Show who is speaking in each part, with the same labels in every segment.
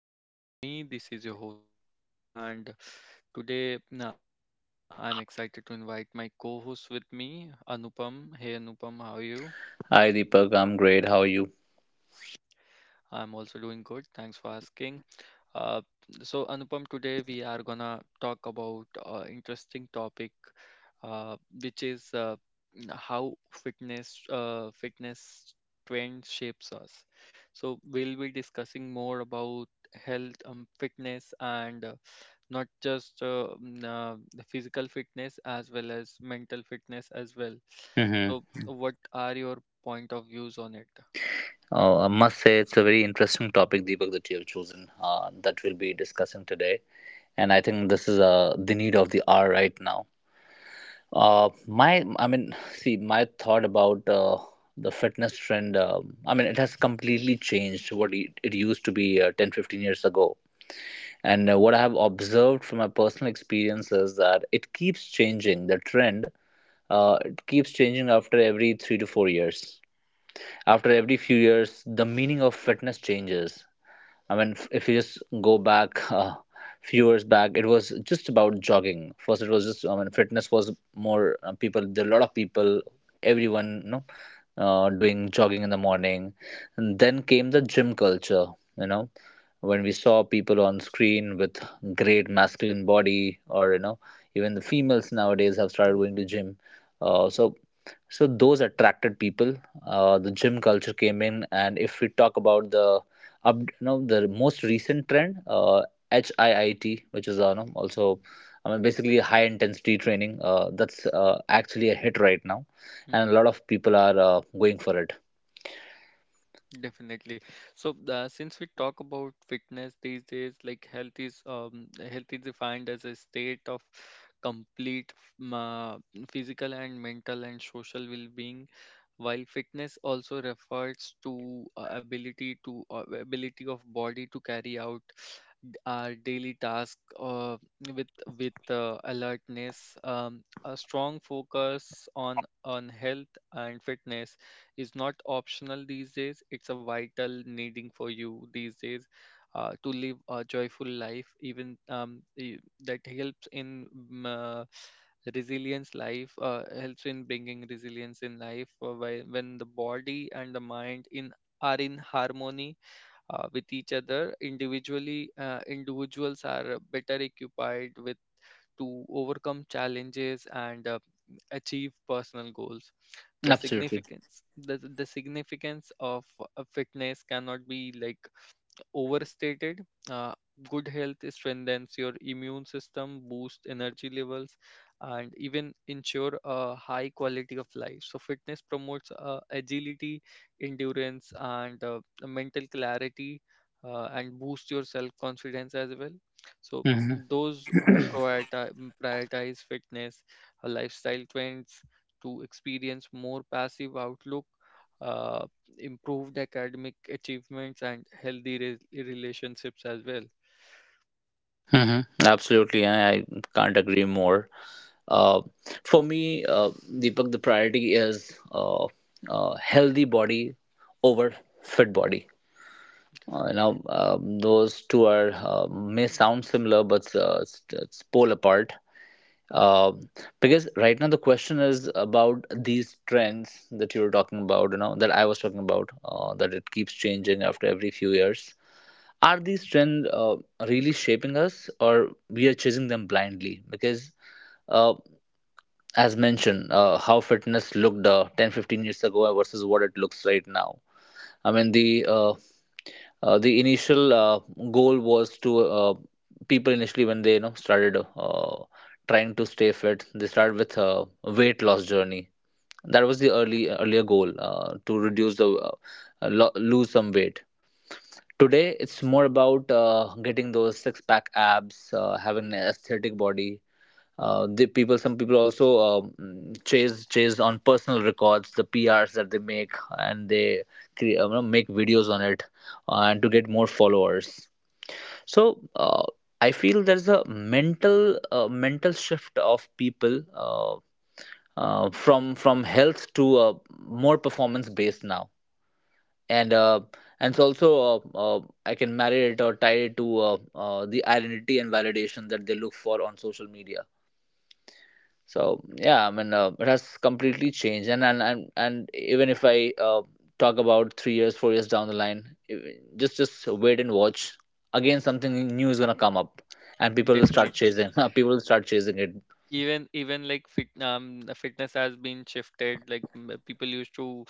Speaker 1: Vibe with me. This is your host Deepak and today I'm excited to invite my co-host with me, Anupam. Hey Anupam, how are you?
Speaker 2: Hi Deepak, I'm great. How are you?
Speaker 1: I'm also doing good. Thanks for asking. Uh, so Anupam, today we are gonna talk about interesting topic, uh, which is uh, how fitness trend shapes us. So we'll be discussing more about health, fitness, and not just mm, the physical fitness as well as mental fitness as well.
Speaker 2: hmm
Speaker 1: So what are your point of views on it?
Speaker 2: I must say it's a very interesting topic, Deepak, that you have chosen, that we'll be discussing today, and I think this is the need of the hour right now. Uh, my, I mean, see, my thought about the fitness trend, I mean, it has completely changed what it used to be 10, 15 ago, and what I have observed from my personal experience is that it keeps changing. The trend, it keeps changing after every 3 to 4 years, after every few years the meaning of fitness changes. I mean, if you just go back few years back it was just about jogging. First it was just, I mean, fitness was more, people, there are a lot of people, everyone, you know, doing jogging in the morning. And then came the gym culture, you know, when we saw people on screen with great masculine body, or, you know, even the females nowadays have started going to gym. Uh, so so those attracted people. The gym culture came in, and if we talk about the up you know, the most recent trend, HIIT, which is, you know, also, I mean, basically high intensity training, that's actually a hit right now, and
Speaker 1: Mm-hmm.
Speaker 2: a lot of people are going for it.
Speaker 1: Definitely. Since we talk about fitness these days, like health is defined as a state of complete f- ma physical and mental and social well-being, while fitness also refers to ability of body to carry out our daily task with with alertness. A strong focus on health and fitness is not optional these days. It's a vital needing for you these days to live a joyful life, even y- that helps in mm, resilience life, helps in bringing resilience in life when the body and the mind in are in harmony with each other individually individuals are better equipped with to overcome challenges and achieve personal goals. the
Speaker 2: Absolutely.
Speaker 1: significance the, the significance of a fitness cannot be like overstated. Uh, Good health strengthens your immune system, boosts energy levels, and even ensure a high quality of life. So fitness promotes agility, endurance, and mental clarity, and boosts your self confidence as well. So
Speaker 2: hmm
Speaker 1: those who prioritize, prioritize fitness, lifestyle trends to experience more passive outlook, uh, improved academic achievements and healthy relationships as well.
Speaker 2: hmm Absolutely, I can't agree more. uh, for me, Deepak, the priority is healthy body over fit body.
Speaker 1: Definitely.
Speaker 2: Now, those two are may sound similar, but it's pole apart. Um because right now the question is about these trends that you were talking about, you know, that I was talking about, that it keeps changing after every few years. Are these trends really shaping us, or we are chasing them blindly? Because, uh, as mentioned, how fitness looked 10, 15 years ago versus what it looks right now, I mean, the initial goal was to, people initially, when they, you know, started, trying to stay fit, they started with a weight loss journey. That was the early earlier goal, to reduce the, lose some weight. Today, it's more about getting those six pack abs, having an aesthetic body, the people, some people also, chase on personal records, the prs that they make, and they create, you know, make videos on it, and to get more followers. So I feel there's a mental shift of people, from health to, more performance based now. And uh, and it's also, I can marry it or tie it to, the identity and validation that they look for on social media. So yeah, I mean, it has completely changed, and even if I, talk about 3 years, 4 years down the line, just wait and watch, again something new is going to come up and people will start
Speaker 1: Definitely.
Speaker 2: chasing people will start chasing it.
Speaker 1: The fitness has been shifted. People used to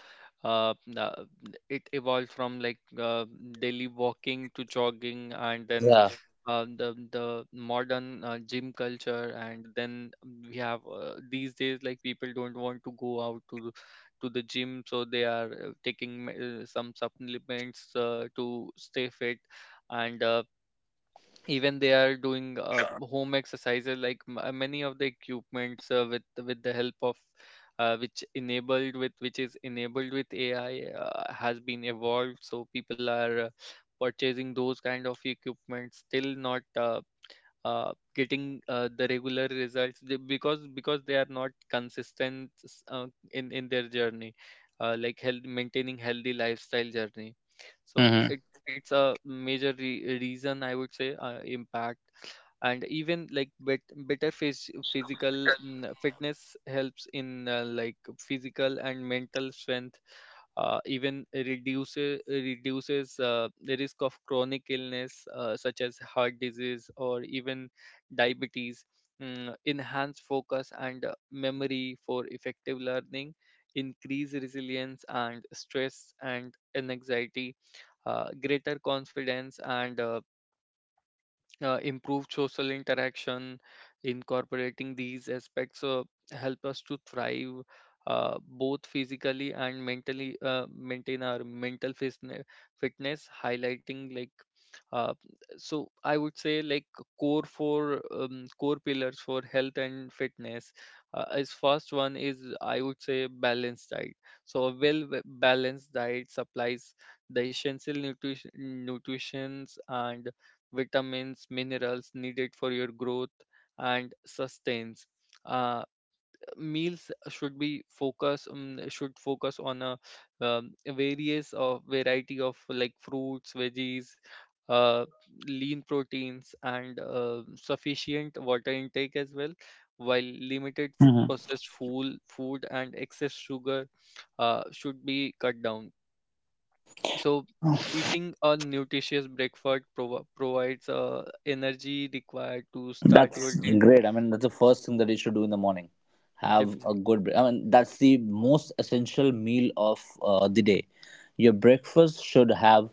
Speaker 1: uh uh, it evolved from like daily walking to jogging, and then
Speaker 2: Yeah.
Speaker 1: the modern gym culture, and then we have these days like people don't want to go out to the gym, so they are some supplements to stay fit. And Even they are doing home exercises like many of the equipments with the help of which is enabled with AI has been evolved, so people are purchasing those kind of equipment, still not getting the regular results because they are not consistent in their journey, like health, maintaining healthy lifestyle journey. So
Speaker 2: hmm
Speaker 1: it's a major reason, I would say, impact. And even like physical fitness helps in like physical and mental strength. Even reduces the risk of chronic illness such as heart disease or even diabetes. Enhance focus and memory for effective learning, increase resilience and stress and anxiety, greater confidence and improve social interaction. Incorporating these aspects help us to thrive both physically and mentally. Maintain our fitness. Highlighting like uh, so I would say like core pillars for health and fitness is, first one is, I would say, balanced diet. So a well balanced diet supplies the essential nutritions and vitamins, minerals needed for your growth and sustains. Uh, Meals should be focus should focus on a various of variety of like fruits, veggies, uh, lean proteins, and sufficient water intake as well, while limited processed food and excess sugar should be cut down. So eating a nutritious breakfast provides energy required to start your
Speaker 2: That's
Speaker 1: day.
Speaker 2: great. I mean, that's the first thing that you should do in the morning. Have a
Speaker 1: Definitely.
Speaker 2: good break. I mean, that's the most essential meal of the day. Your breakfast should have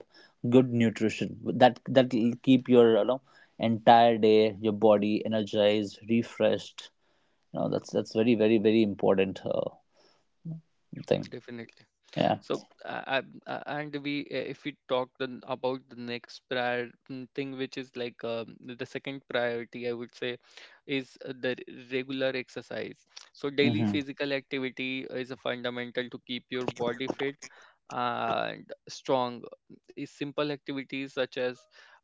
Speaker 2: good nutrition. That will keep your, you know, entire day, your body energized, refreshed. You know, that's very very very important thing.
Speaker 1: Definitely.
Speaker 2: Yeah.
Speaker 1: So I- and we If we talk then about the next thing, which is like, the second priority, I would say, is regular exercise. So daily
Speaker 2: hmm
Speaker 1: physical activity is a fundamental to keep your body fit and strong. Is simple activities such as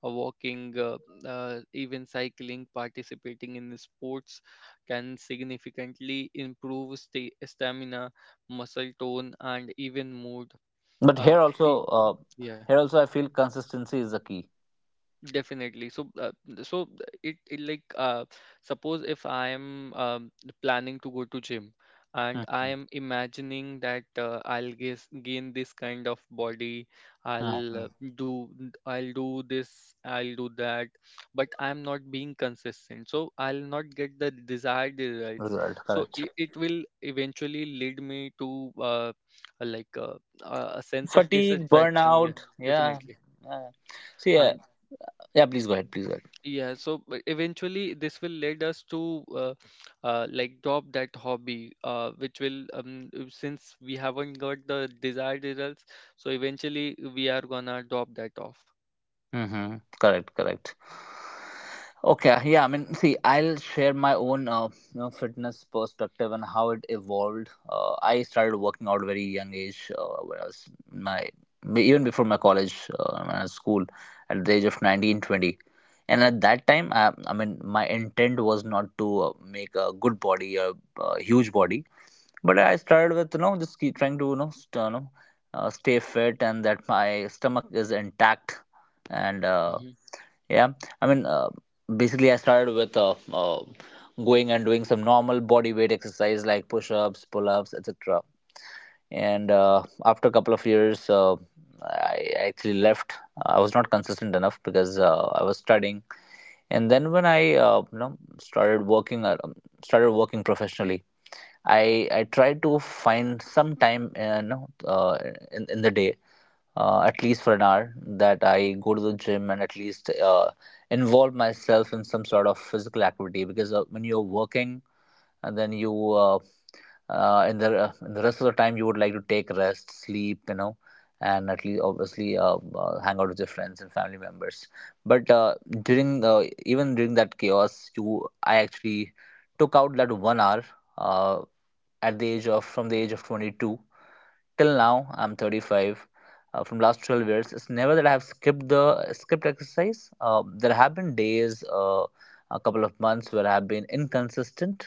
Speaker 1: walking, even cycling, participating in sports, can significantly improve stamina, muscle tone, and even mood.
Speaker 2: But
Speaker 1: Uh, e- yeah.
Speaker 2: here also, I feel consistency is the key.
Speaker 1: Definitely. So it, suppose if I am planning to go to gym, and I
Speaker 2: hmm
Speaker 1: am imagining that I'll gain this kind of body,
Speaker 2: hmm
Speaker 1: I'll uh, do I'll do this, I'll do that, but I'm not being consistent, so I'll not get the desired results.
Speaker 2: Result
Speaker 1: So
Speaker 2: correct.
Speaker 1: it will eventually lead me to like uh, a sense of
Speaker 2: Fatigue,
Speaker 1: dissatisfaction. Yeah,
Speaker 2: burnout. Yeah.
Speaker 1: definitely.
Speaker 2: Uh, so yeah, yeah. Please go ahead. Please go ahead.
Speaker 1: Yeah, so but eventually this will lead us to like drop that hobby, which will since we haven't got the desired results, so eventually we are gonna drop that off.
Speaker 2: Mm-hmm. Correct. Correct. Okay. Yeah. I mean, see, I'll share my own, you know, fitness perspective and how it evolved. I started working out very young age, when I was in my, even before my college, when I was school, at the age of 19, 20. And at that time, I mean, my intent was not to make a good body or a huge body, but I started with, you know, just keep trying to, you know, you know, stay fit and that my stomach is intact. And
Speaker 1: Hmm.
Speaker 2: yeah, I mean, basically I started with, going and doing some normal body weight exercise like push-ups, pull-ups, etc. And after a couple of years, I actually left. I was not consistent enough because I was studying. And then when I, you know, started working, started working professionally, I try to find some time, you know, in the day, at least for an hour, that I go to the gym and at least involve myself in some sort of physical activity. Because when you're working, and then you, in the rest of the time, you would like to take rest, sleep, you know, and at least obviously, hang out with your friends and family members. But during the, even during that chaos, you I actually took out that 1 hour. Uh, at the age of, from the age of 22 till now I'm 35, from last 12 years, it's never that I have skipped exercise. There have been days, a couple of months where I have been inconsistent,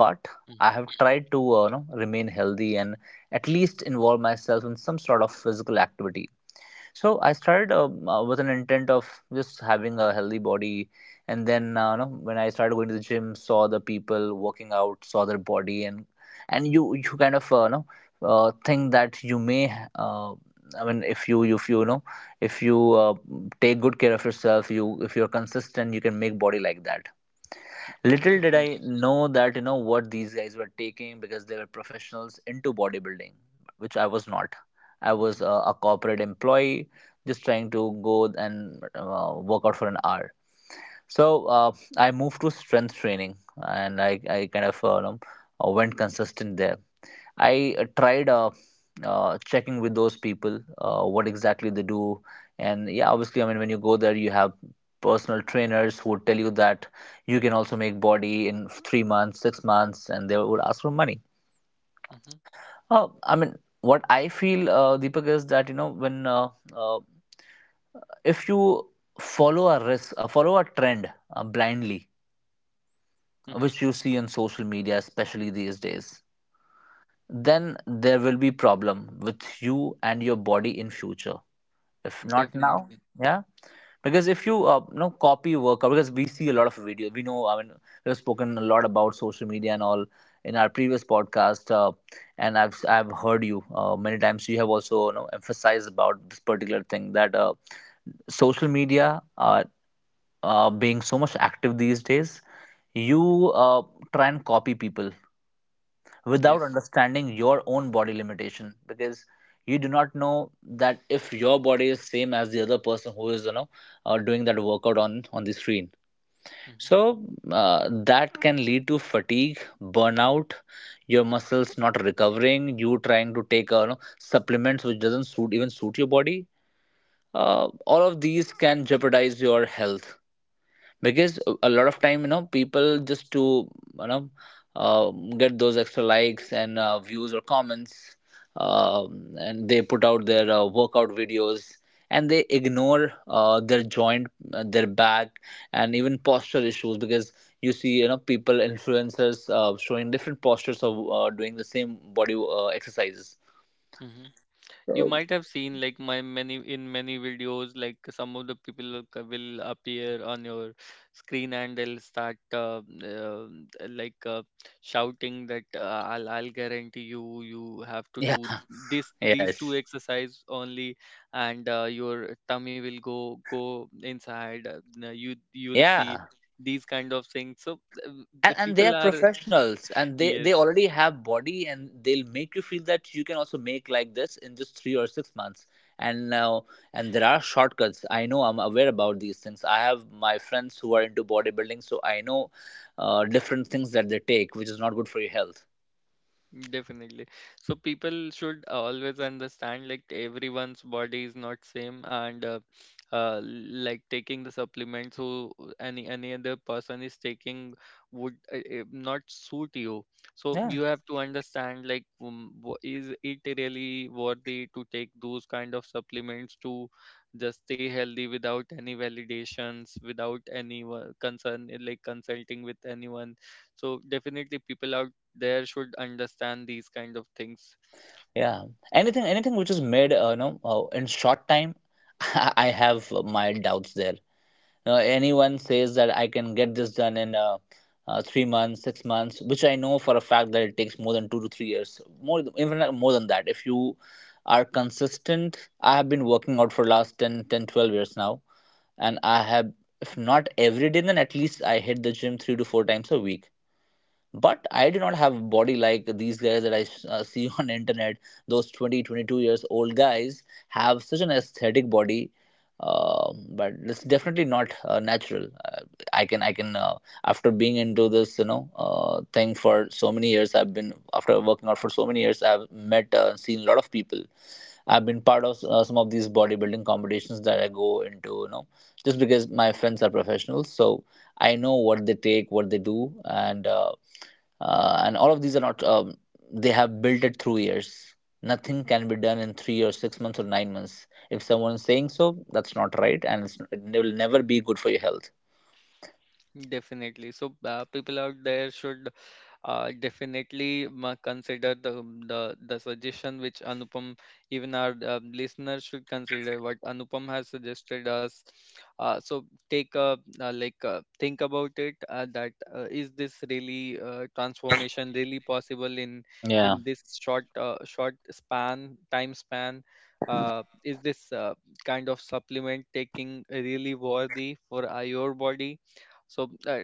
Speaker 2: but
Speaker 1: Hmm.
Speaker 2: I have tried to, you know, remain healthy and at least involve myself in some sort of physical activity. So I started, with an intent of just having a healthy body. And then, you know, when I started going to the gym, saw the people working out, saw their body, and you, kind of, you know, think that you may. I mean, if you, you know, if you, take good care of yourself, you if you're consistent, you can make body like that. Little did
Speaker 1: Definitely.
Speaker 2: I know that, you know, what these guys were taking, because they were professionals into bodybuilding, which I was not. I was
Speaker 1: Hmm.
Speaker 2: a corporate employee just trying to go and work out for an hour. So I moved to strength training, and I kind of, you know, went consistent there. I, tried, checking with those people, what exactly they do. And yeah, obviously, I mean, when you go there, you have personal trainers who would tell you that you can also make body in 3 months, 6 months, and they would ask for money.
Speaker 1: Hmm.
Speaker 2: I mean, what I feel, Deepak, is that, you know, when, uh, if you follow a trend blindly,
Speaker 1: Hmm.
Speaker 2: which you see on social media, especially these days, then there will be problem with you and your body in future, if not now.
Speaker 1: Definitely.
Speaker 2: Yeah. Because if you, you know, copy work, because we see a lot of videos, we know, I mean, we've spoken a lot about social media and all in our previous podcast. And I've heard you, many times you have also, you know, emphasized about this particular thing, that, social media, being so much active these days, you, try and copy people without
Speaker 1: Yes.
Speaker 2: understanding your own body limitation. Because you do not know that if your body is same as the other person who is, you know, doing that workout on the screen.
Speaker 1: Hmm.
Speaker 2: So that can lead to fatigue, burnout, your muscles not recovering, you trying to take, you know, supplements which doesn't suit your body. All of these can jeopardize your health, because a lot of time, you know, people just to, you know, uh, get those extra likes and, views or comments, and they put out their, workout videos, and they ignore, their joint, their back, and even posture issues. Because you see, you know, people, influencers, showing different postures of, doing the same body, exercises.
Speaker 1: Hmm. You might have seen like my many in many videos like some of the people will appear on your screen, and they'll start uh, like uh, shouting that I'll guarantee you you have to
Speaker 2: Yeah.
Speaker 1: do this, these two
Speaker 2: Yes.
Speaker 1: exercise only, and your tummy will go inside. You you'll see
Speaker 2: Yeah.
Speaker 1: these kind of things. so uh,
Speaker 2: and,
Speaker 1: the
Speaker 2: and they
Speaker 1: people
Speaker 2: are
Speaker 1: are
Speaker 2: professionals, and they they
Speaker 1: yes.
Speaker 2: already have body, and they'll make you feel that you can also make like this in just 3 or 6 months. And now, and there are shortcuts. I know, I'm aware about these things. I have my friends who are into bodybuilding, so I know different things that they take, which is not good for your health.
Speaker 1: Definitely. So people should always understand like everyone's body is not same, and like taking the supplements who any other person is taking would not suit you. So
Speaker 2: Yeah.
Speaker 1: you have to understand like, is it really worthy to take those kind of supplements to just stay healthy without any validations, without any concern, like consulting with anyone. So definitely people are there should understand these kind of things.
Speaker 2: Yeah. Anything which is made, you know, in short time, I have my doubts there. Anyone says that I can get this done in, 3 months, 6 months, which I know for a fact that it takes more than 2 to 3 years, more even Like more than that. If you are consistent, I have been working out for last 12 years now, and I have, if not every day, then at least I hit the gym three to four times a week. But I do not have body like these guys that I see on internet. Those 20, 22 years old guys have such an aesthetic body. But it's definitely not natural. I can After being into this thing for so many years I've been after working out for so many years, I've met seen a lot of people. I've been part of some of these bodybuilding competitions that I go into, you know, just because my friends are professionals. So I know what they take, what they do, and all of these are not, they have built it through years. Nothing can be done in 3 or 6 months or 9 months. If someone is saying so, that's not right, and it will never be good for your health.
Speaker 1: Definitely. People out there should consider the, the suggestion which Anupam, even our listeners should consider what Anupam has suggested us. So take a think about it, that is this really transformation really possible in
Speaker 2: Yeah.
Speaker 1: this short span time span. Is this kind of supplement taking really worthy for your body? So uh,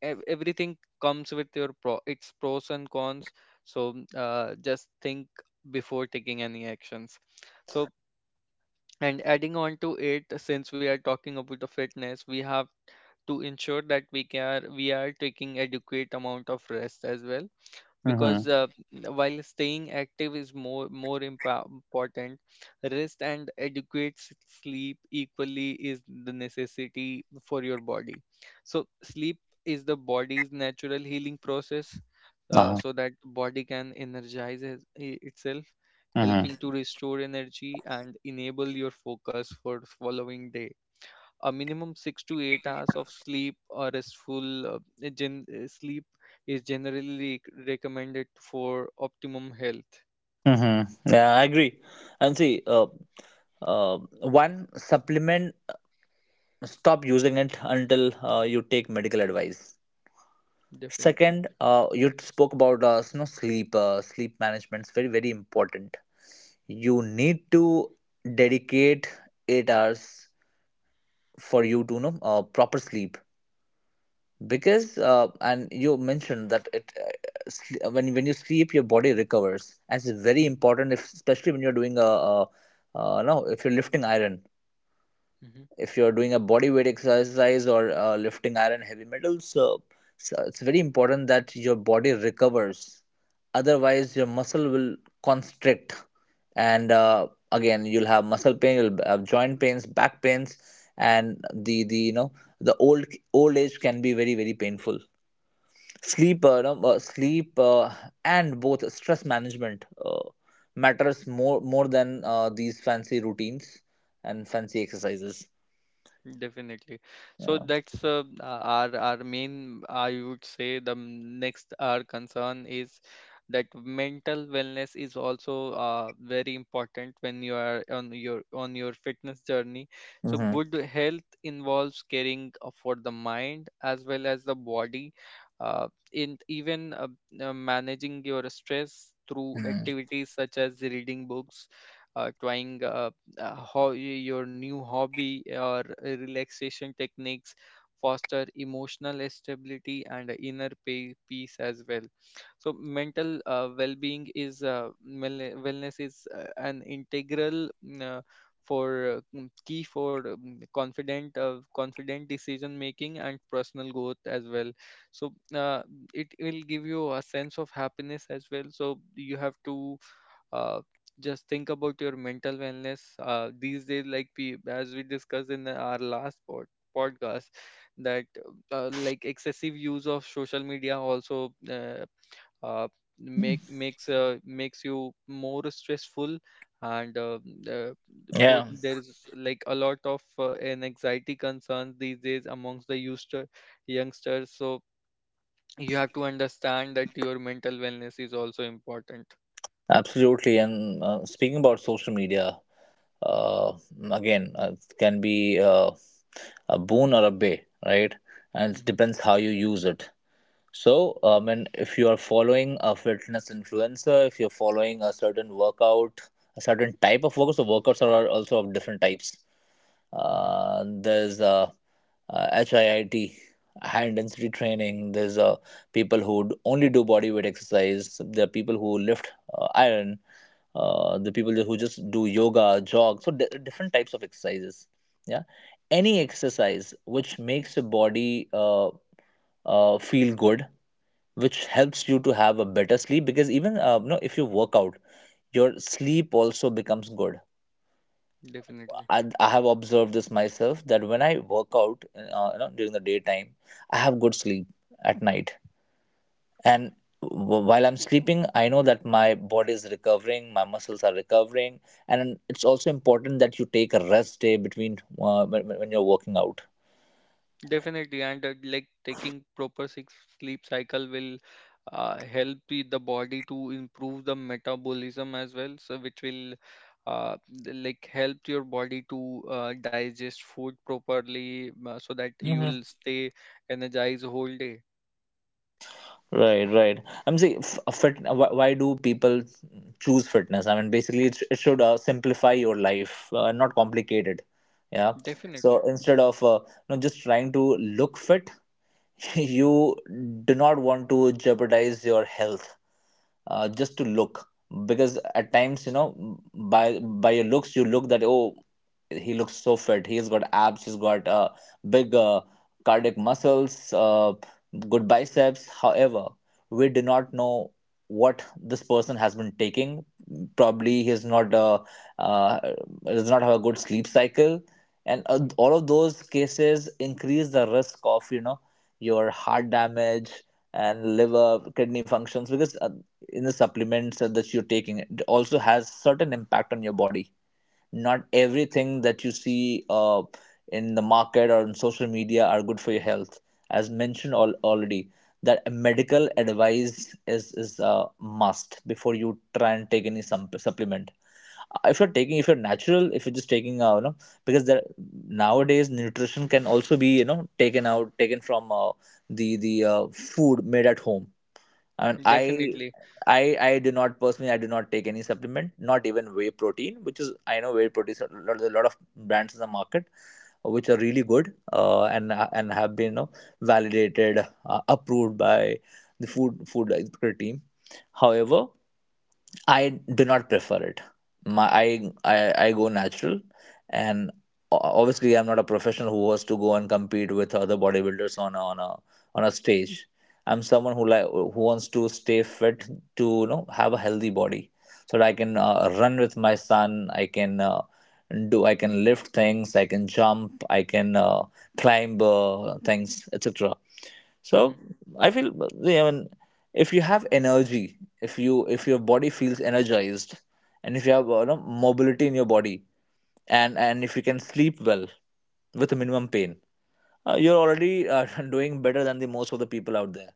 Speaker 1: ev- everything comes with your pro its pros and cons. So just think before taking any actions. So, and adding on to it, since we are talking about the fitness, we have to ensure that we are taking adequate amount of rest as well. Because
Speaker 2: Mm-hmm.
Speaker 1: While staying active is more important, rest and adequate sleep equally is the necessity for your body. So sleep is the body's natural healing process,
Speaker 2: Uh-huh.
Speaker 1: so that body can itself,
Speaker 2: Mm-hmm.
Speaker 1: helping to restore energy and enable your focus for following day. A minimum 6 to 8 hours of sleep or restful sleep is generally recommended for optimum health.
Speaker 2: Mm-hmm. Yeah, I agree. And see, one supplement, stop using it until you take medical advice.
Speaker 1: Definitely.
Speaker 2: Second, you spoke about, you know, sleep management is very very important. You need to dedicate 8 hours for you to, you know, proper sleep. Because and you mentioned that when you sleep your body recovers, and it's very important if, especially when you're doing a no if you're lifting iron,
Speaker 1: Mhm.
Speaker 2: if you're doing a body weight exercise or lifting iron heavy metals, so it's very important that your body recovers, otherwise your muscle will constrict. And again, you'll have muscle pain, you'll have joint pains, back pains. And the you know, the old old age can be very very painful. Sleep you know, sleep and Both stress management matters more than these fancy routines and fancy exercises.
Speaker 1: Definitely. So
Speaker 2: Yeah.
Speaker 1: that's our main, I would say the next, our concern is that mental wellness is also very important when you are on your fitness journey. So
Speaker 2: Hmm.
Speaker 1: good health involves caring for the mind as well as the body, uh, in even managing your stress through
Speaker 2: Hmm.
Speaker 1: activities such as reading books, uh, trying uh, your new hobby or relaxation techniques, foster emotional stability and inner peace as well. So mental wellness is an integral for key for confident decision making and personal growth as well. so uh, it will give you a sense of happiness as well, so you have to uh, just think about your mental wellness these days. Like we as we discussed in our last podcast that like excessive use of social media also uh, makes makes you more stressful, and uh,
Speaker 2: Yeah,
Speaker 1: there is like a lot of an anxiety concerns these days amongst the youngsters. So you have to understand that your mental wellness is also important.
Speaker 2: absolutely. And speaking about social media, uh, again, it can be a boon or a bay, right? And it
Speaker 1: Hmm.
Speaker 2: depends how you use it. So, and if you are following a fitness influencer, if you're following a certain workout, a certain type of workout, so workouts are also of different types.
Speaker 1: Hmm.
Speaker 2: There's HIIT, high intensity training. There's people who only do body weight exercise. There are people who lift iron. The people who just do yoga, jog. So different types of exercises. Yeah, any exercise which makes your body feel good, which helps you to have a better sleep. Because even, you know, if you work out, your sleep also becomes good.
Speaker 1: Definitely.
Speaker 2: I have observed this myself that when I work out, you know, during the daytime, I have good sleep at night. And while I'm sleeping, I know that my body is recovering, my muscles are recovering, and it's also important that you take a rest day between, when you're working out.
Speaker 1: Definitely, and like taking proper six sleep cycle will help the body to improve the metabolism as well, so which will uh, like help your body to digest food properly, so that
Speaker 2: Mhm.
Speaker 1: you'll stay energized whole day.
Speaker 2: Right, right. I'm saying, f- a fit. Why do people choose fitness? I mean, basically, it should simplify your life, not complicate it. Yeah.
Speaker 1: Definitely,
Speaker 2: So instead of, you know, just trying to look fit, you do not want to jeopardize your health just to look, because at times, you know, by by your looks you look that, oh, he looks so fit, he's got abs, he's got big cardiac muscles, good biceps. However, we do not know what this person has been taking. Probably he is not uh, does not have a good sleep cycle. And all of those cases increase the risk of, you know, your heart damage and liver kidney functions, because in the supplements that you're taking, it also has certain impact on your body. Not everything that you see in the market or on social media are good for your health. As mentioned already, that medical advice is a must before you try and take any supplement. If you're taking, if you're natural, if you're just taking, you know, because there, nowadays nutrition can also be, you know, taken from the food made at home. I mean, I
Speaker 1: definitely.
Speaker 2: I do not personally, I do not take any supplement, not even whey protein, which is, I know whey protein is a lot of brands in the market which are really good, and have been, you know, validated, approved by the food expert team. However, I do not prefer it. I go natural, and obviously I'm not a professional who was to go and compete with other bodybuilders on a, on a on a stage. I'm someone who who wants to stay fit, to, you know, have a healthy body, so that I can run with my son. I can do I can lift things. I can jump. I can climb things, etc.
Speaker 1: Mhm.
Speaker 2: So I feel, yeah, I mean, if you have energy, if you if your body feels energized, and if you have, you know, mobility in your body, and if you can sleep well with minimum pain, you're already doing better than the most of the people out there.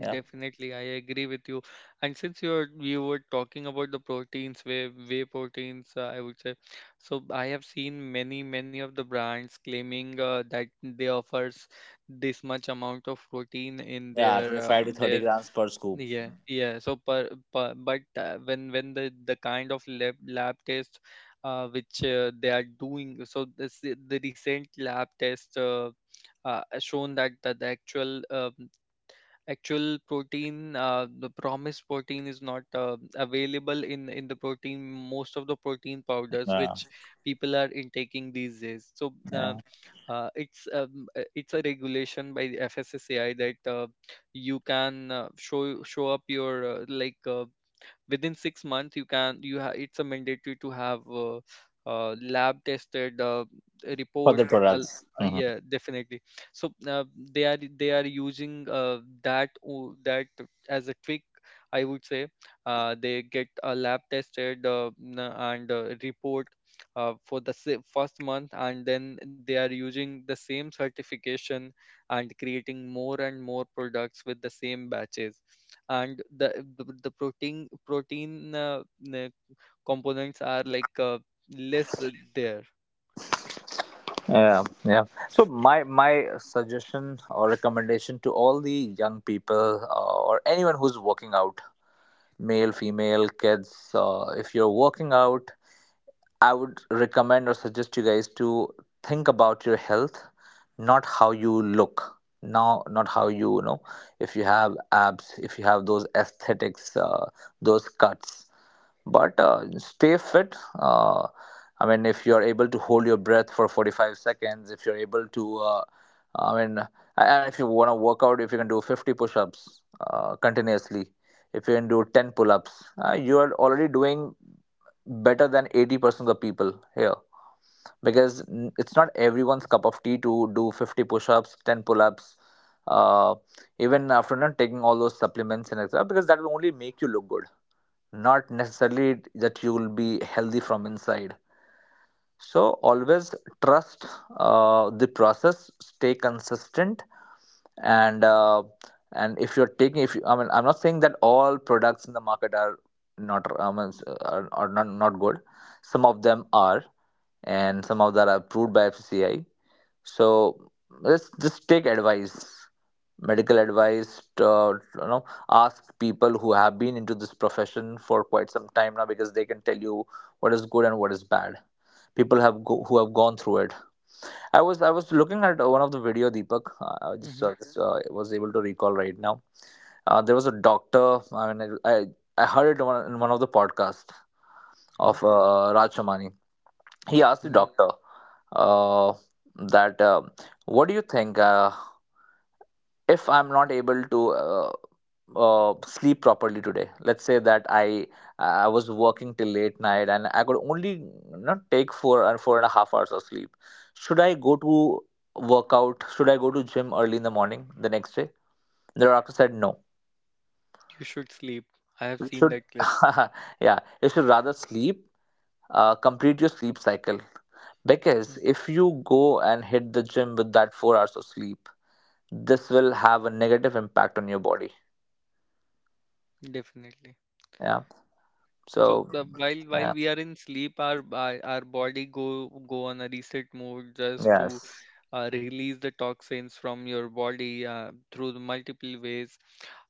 Speaker 2: Yeah,
Speaker 1: Definitely, I agree with you. And since you were talking about the proteins, whey proteins, I would say. So I have seen many of the brands claiming that they offers this much amount of protein in
Speaker 2: yeah, twenty five to thirty
Speaker 1: their
Speaker 2: grams per scoop.
Speaker 1: yeah yeah. So per but when when the kind of lab test which they are doing. So this the recent lab test shown that the actual actual protein the promised protein is not available in the protein most of the protein powders
Speaker 2: Yeah,
Speaker 1: which people are intaking these days, so
Speaker 2: yeah,
Speaker 1: it's a regulation by the FSSAI that you can show up your within 6 months you can it's a mandatory to have lab tested
Speaker 2: for
Speaker 1: report.
Speaker 2: the
Speaker 1: uh,
Speaker 2: products. Mhm.
Speaker 1: yeah, definitely. So they are using that as a trick, I would say. They get a lab tested, and report for the first month, and then they are using the same certification and creating more and more products with the same batches, and the protein uh, components are like less there.
Speaker 2: Yeah, yeah. So my suggestion or recommendation to all the young people, or anyone who's working out, male, female, kids, if you're working out, I would recommend or suggest you guys to think about your health, not how you look. Now, not how you, you know, if you have abs, if you have those aesthetics, those cuts, but stay fit. I mean, if you're able to hold your breath for 45 seconds, if you're able to, I mean, and if you want to work out, if you can do 50 push ups continuously, if you can do 10 pull ups, you are already doing better than 80% of the people here, because it's not everyone's cup of tea to do 50 push-ups, 10 pull-ups, uh, even after not taking all those supplements and etc, because that will only make you look good, not necessarily that you will be healthy from inside. So always trust the process, stay consistent. And if you're taking, if you, I mean, I'm not saying that all products in the market are not, I mean, are not good. Some of them are, and some of that are approved by FCI. So let's just take advice, medical advice, you know, ask people who have been into this profession for quite some time now, because they can tell you what is good and what is bad, people have who have gone through it. I was looking at one of the video, Deepak. Uh, I just
Speaker 1: Mm-hmm.
Speaker 2: uh, just, uh, was able to recall right now. There was a doctor. I heard it in in one of the podcasts
Speaker 1: Mm-hmm.
Speaker 2: of Raj Somani. He asked the
Speaker 1: Hmm.
Speaker 2: doctor uh, that what do you think? If I'm not able to sleep properly today, let's say that I was working till late night and I could only not take four and four and a half hours of sleep, should I go to workout, should I go to gym early in the morning the next day? The doctor said no.
Speaker 1: You should sleep. I have
Speaker 2: You
Speaker 1: seen
Speaker 2: should
Speaker 1: that clip.
Speaker 2: yeah, you should rather sleep, complete your sleep cycle.
Speaker 1: Mm.
Speaker 2: Because if you go and hit the gym with that 4 hours of sleep, this will have a negative impact on your body.
Speaker 1: Definitely.
Speaker 2: Yeah.
Speaker 1: So
Speaker 2: So
Speaker 1: while
Speaker 2: yeah,
Speaker 1: we are in sleep, our our body go on a reset mode just to
Speaker 2: yes.
Speaker 1: release the toxins from your body through the multiple ways,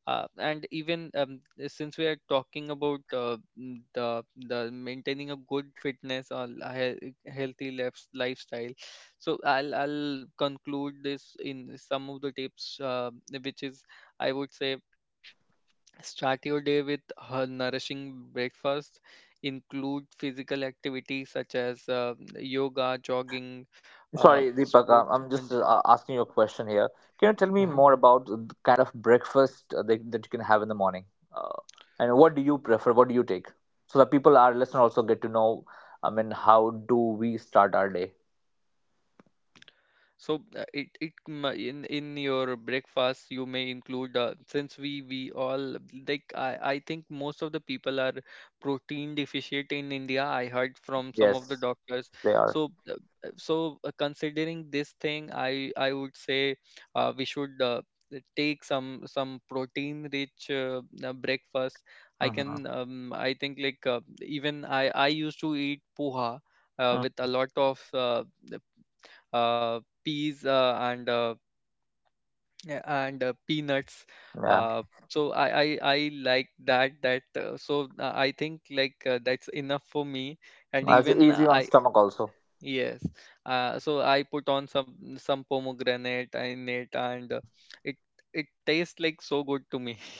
Speaker 1: and even since we are talking about the maintaining a good fitness or a healthy lifestyle, so I'll conclude this in some of the tips, which is, I would say, start your day with a nourishing breakfast, include physical activity such as yoga, jogging,
Speaker 2: Sorry, Deepak.
Speaker 1: sports,
Speaker 2: I'm just
Speaker 1: and
Speaker 2: asking you a question here. Can you tell me
Speaker 1: uh-huh.
Speaker 2: more about the kind of breakfast that, that you can have in the morning? Uh, and what do you prefer? What do you take? So that people, our listeners, also get to know, I mean, how do we start our day?
Speaker 1: So it it m- in your breakfast you may include, since we all, like, I think most of the people are protein deficient in India. I heard from some of the
Speaker 2: Yes,
Speaker 1: doctors.
Speaker 2: they are.
Speaker 1: So considering this thing, I would say we should take some protein rich breakfast. I
Speaker 2: Mm-hmm.
Speaker 1: can, I think, like, even I used to eat poha
Speaker 2: Mm.
Speaker 1: with a lot of peas and yeah, and peanuts.
Speaker 2: Yeah.
Speaker 1: Uh, so, I like that, that so I think, like, that's enough for me. And
Speaker 2: That's
Speaker 1: even
Speaker 2: easy on
Speaker 1: I,
Speaker 2: stomach also.
Speaker 1: yes, so I put on some pomegranate in it,
Speaker 2: Mm-hmm.
Speaker 1: and
Speaker 2: Mm-hmm.
Speaker 1: it it tastes like so good to me.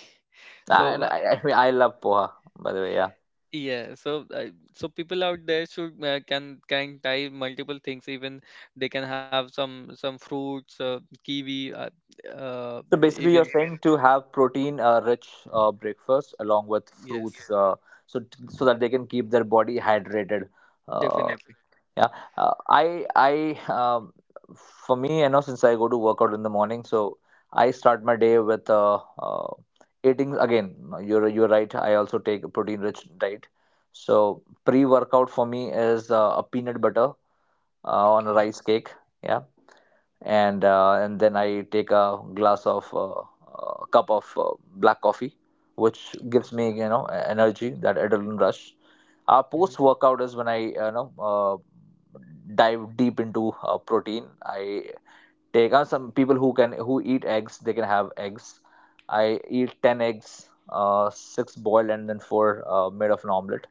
Speaker 2: Ah.
Speaker 1: So
Speaker 2: And I love poha, by the way. Yeah.
Speaker 1: yeah, so so people out there should can try multiple things. Even they can have some fruits, kiwi, uh,
Speaker 2: So basically, you're
Speaker 1: even
Speaker 2: saying to have protein-rich breakfast along with
Speaker 1: yes,
Speaker 2: fruits, so that they can keep their body hydrated. Uh,
Speaker 1: definitely.
Speaker 2: yeah, I for me, I know since I go to work out in the morning, so I start my day with uh, eating again. You're right. I also take a protein-rich diet. So pre-workout for me is a peanut butter on a
Speaker 1: Okay,
Speaker 2: rice cake. Yeah, and then I take a glass of cup of black coffee, which
Speaker 1: okay.
Speaker 2: gives me energy, that adrenaline rush. Our
Speaker 1: Mhm.
Speaker 2: post workout is when I dive deep into protein. I take on, some people who can who eat eggs. They can have eggs. I eat ten eggs, six boiled and then four made of an omelet.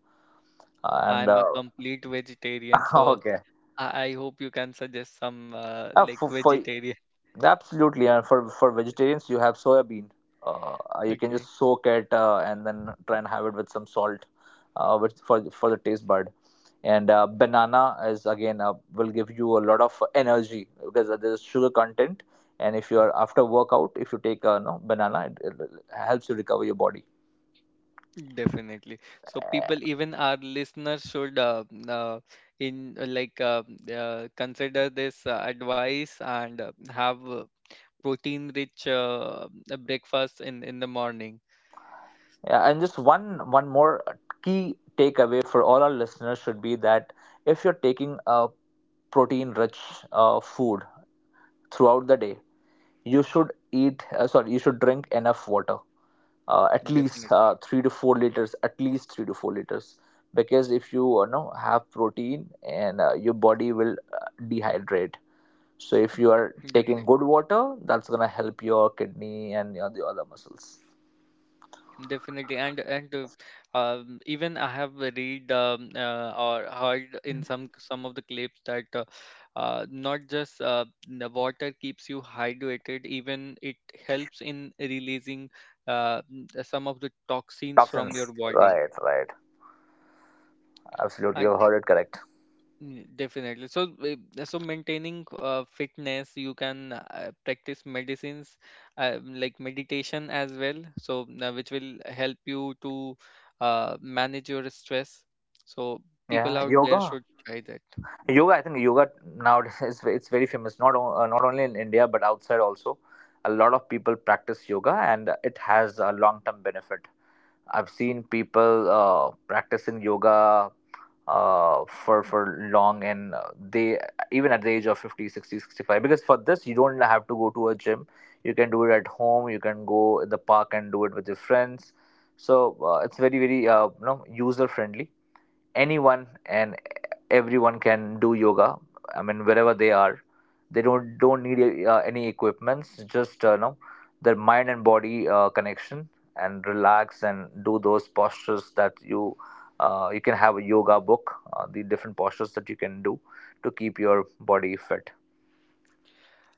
Speaker 2: And
Speaker 1: I'm a complete vegetarian, so
Speaker 2: okay,
Speaker 1: I hope you can suggest some, like,
Speaker 2: for
Speaker 1: vegetarian.
Speaker 2: absolutely, and for vegetarians, you have soya bean. Uh, you can
Speaker 1: Okay.
Speaker 2: just soak it and then try and have it with some salt, which for the taste bud. And banana is again will give you a lot of energy because there's sugar content. And if you are
Speaker 1: Mhm.
Speaker 2: after workout, if you take a no banana, it helps you recover your body.
Speaker 1: Definitely. So people, even our listeners, should in like, consider this advice and have protein rich breakfast in the morning.
Speaker 2: Yeah, and just one more key takeaway for all our listeners should be that if you're taking a protein rich food throughout the day, you should eat sorry you should drink enough water, at least
Speaker 1: Definitely,
Speaker 2: 3 to 4 liters, at least 3 to 4 liters, because if you know have protein and your body will dehydrate. So if you are
Speaker 1: definitely.
Speaker 2: taking good water, that's going to help your kidney and your the other muscles,
Speaker 1: Definitely. And Even I have read, or heard in some of the clips that not just the water keeps you hydrated, even it helps in releasing some of the toxins from your
Speaker 2: toxins.
Speaker 1: body,
Speaker 2: Right, right, absolutely,
Speaker 1: and.
Speaker 2: you've heard it correct.
Speaker 1: Mm. Definitely. So, so maintaining fitness, you can practice medicines, like meditation as well. So, which will help you to manage your stress. So,
Speaker 2: Yeah,
Speaker 1: people out there
Speaker 2: yoga
Speaker 1: should try that.
Speaker 2: yoga I think yoga nowadays is it's very famous, not only in India but outside also. A lot of people practice yoga, and it has a long term benefit. I've seen people practicing yoga for long, and they, even at the age of 50, 60, 65. Because for this you don't have to go to a gym, you can do it at home, you can go in the park and do it with your friends. So it's very user friendly. Anyone and everyone can do yoga. I mean, wherever they are, they don't need any equipments. Just know their mind and body connection, and relax and do those postures that you, you can have a yoga book. The different postures that you can do to keep your body fit.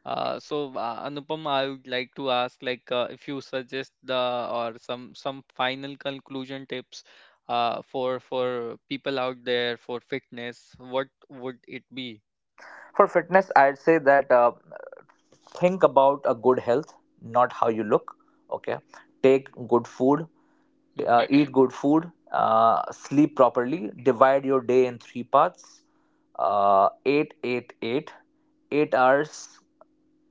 Speaker 1: So, Anupam, I would like to ask, like, if you suggest the or some final conclusion tips for people out there for fitness, what would it be?
Speaker 2: For fitness, I'd say that think about a good health, not how you look. Okay, take good food,
Speaker 1: Mm-hmm.
Speaker 2: eat good food, sleep properly, divide your day in three parts. 8 Eight, 8 hours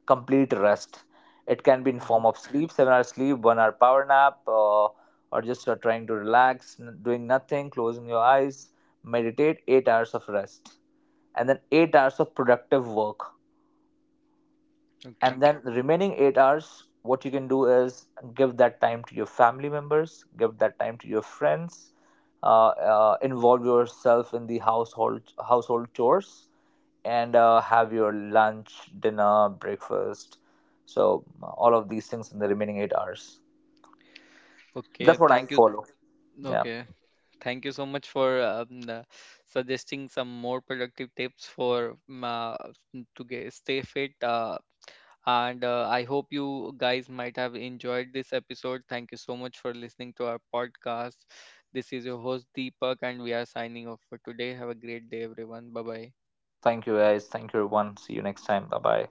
Speaker 2: complete rest. It can be in
Speaker 1: Mm-hmm.
Speaker 2: form of sleep, 7 hours sleep, 1 hour power nap, or just trying to relax, doing nothing, closing your eyes, meditate, 8 hours of rest, and then 8 hours of productive work.
Speaker 1: Okay.
Speaker 2: And then the remaining 8 hours, what you can do is give that time to your family members, give that time to your friends, involve yourself in the household chores, and have your lunch, dinner, breakfast. So all of these things in the remaining 8 hours,
Speaker 1: Okay,
Speaker 2: that's what I
Speaker 1: thank you.
Speaker 2: follow. Yeah,
Speaker 1: Okay, thank you so much for, suggesting some more productive tips for, to get stay fit. And I hope you guys might have enjoyed this episode. Thank you so much for listening to our podcast. This is your host Deepak, and we are signing off for today. Have a great day, everyone. Bye bye.
Speaker 2: thank you guys, thank you everyone, see you next time, bye bye.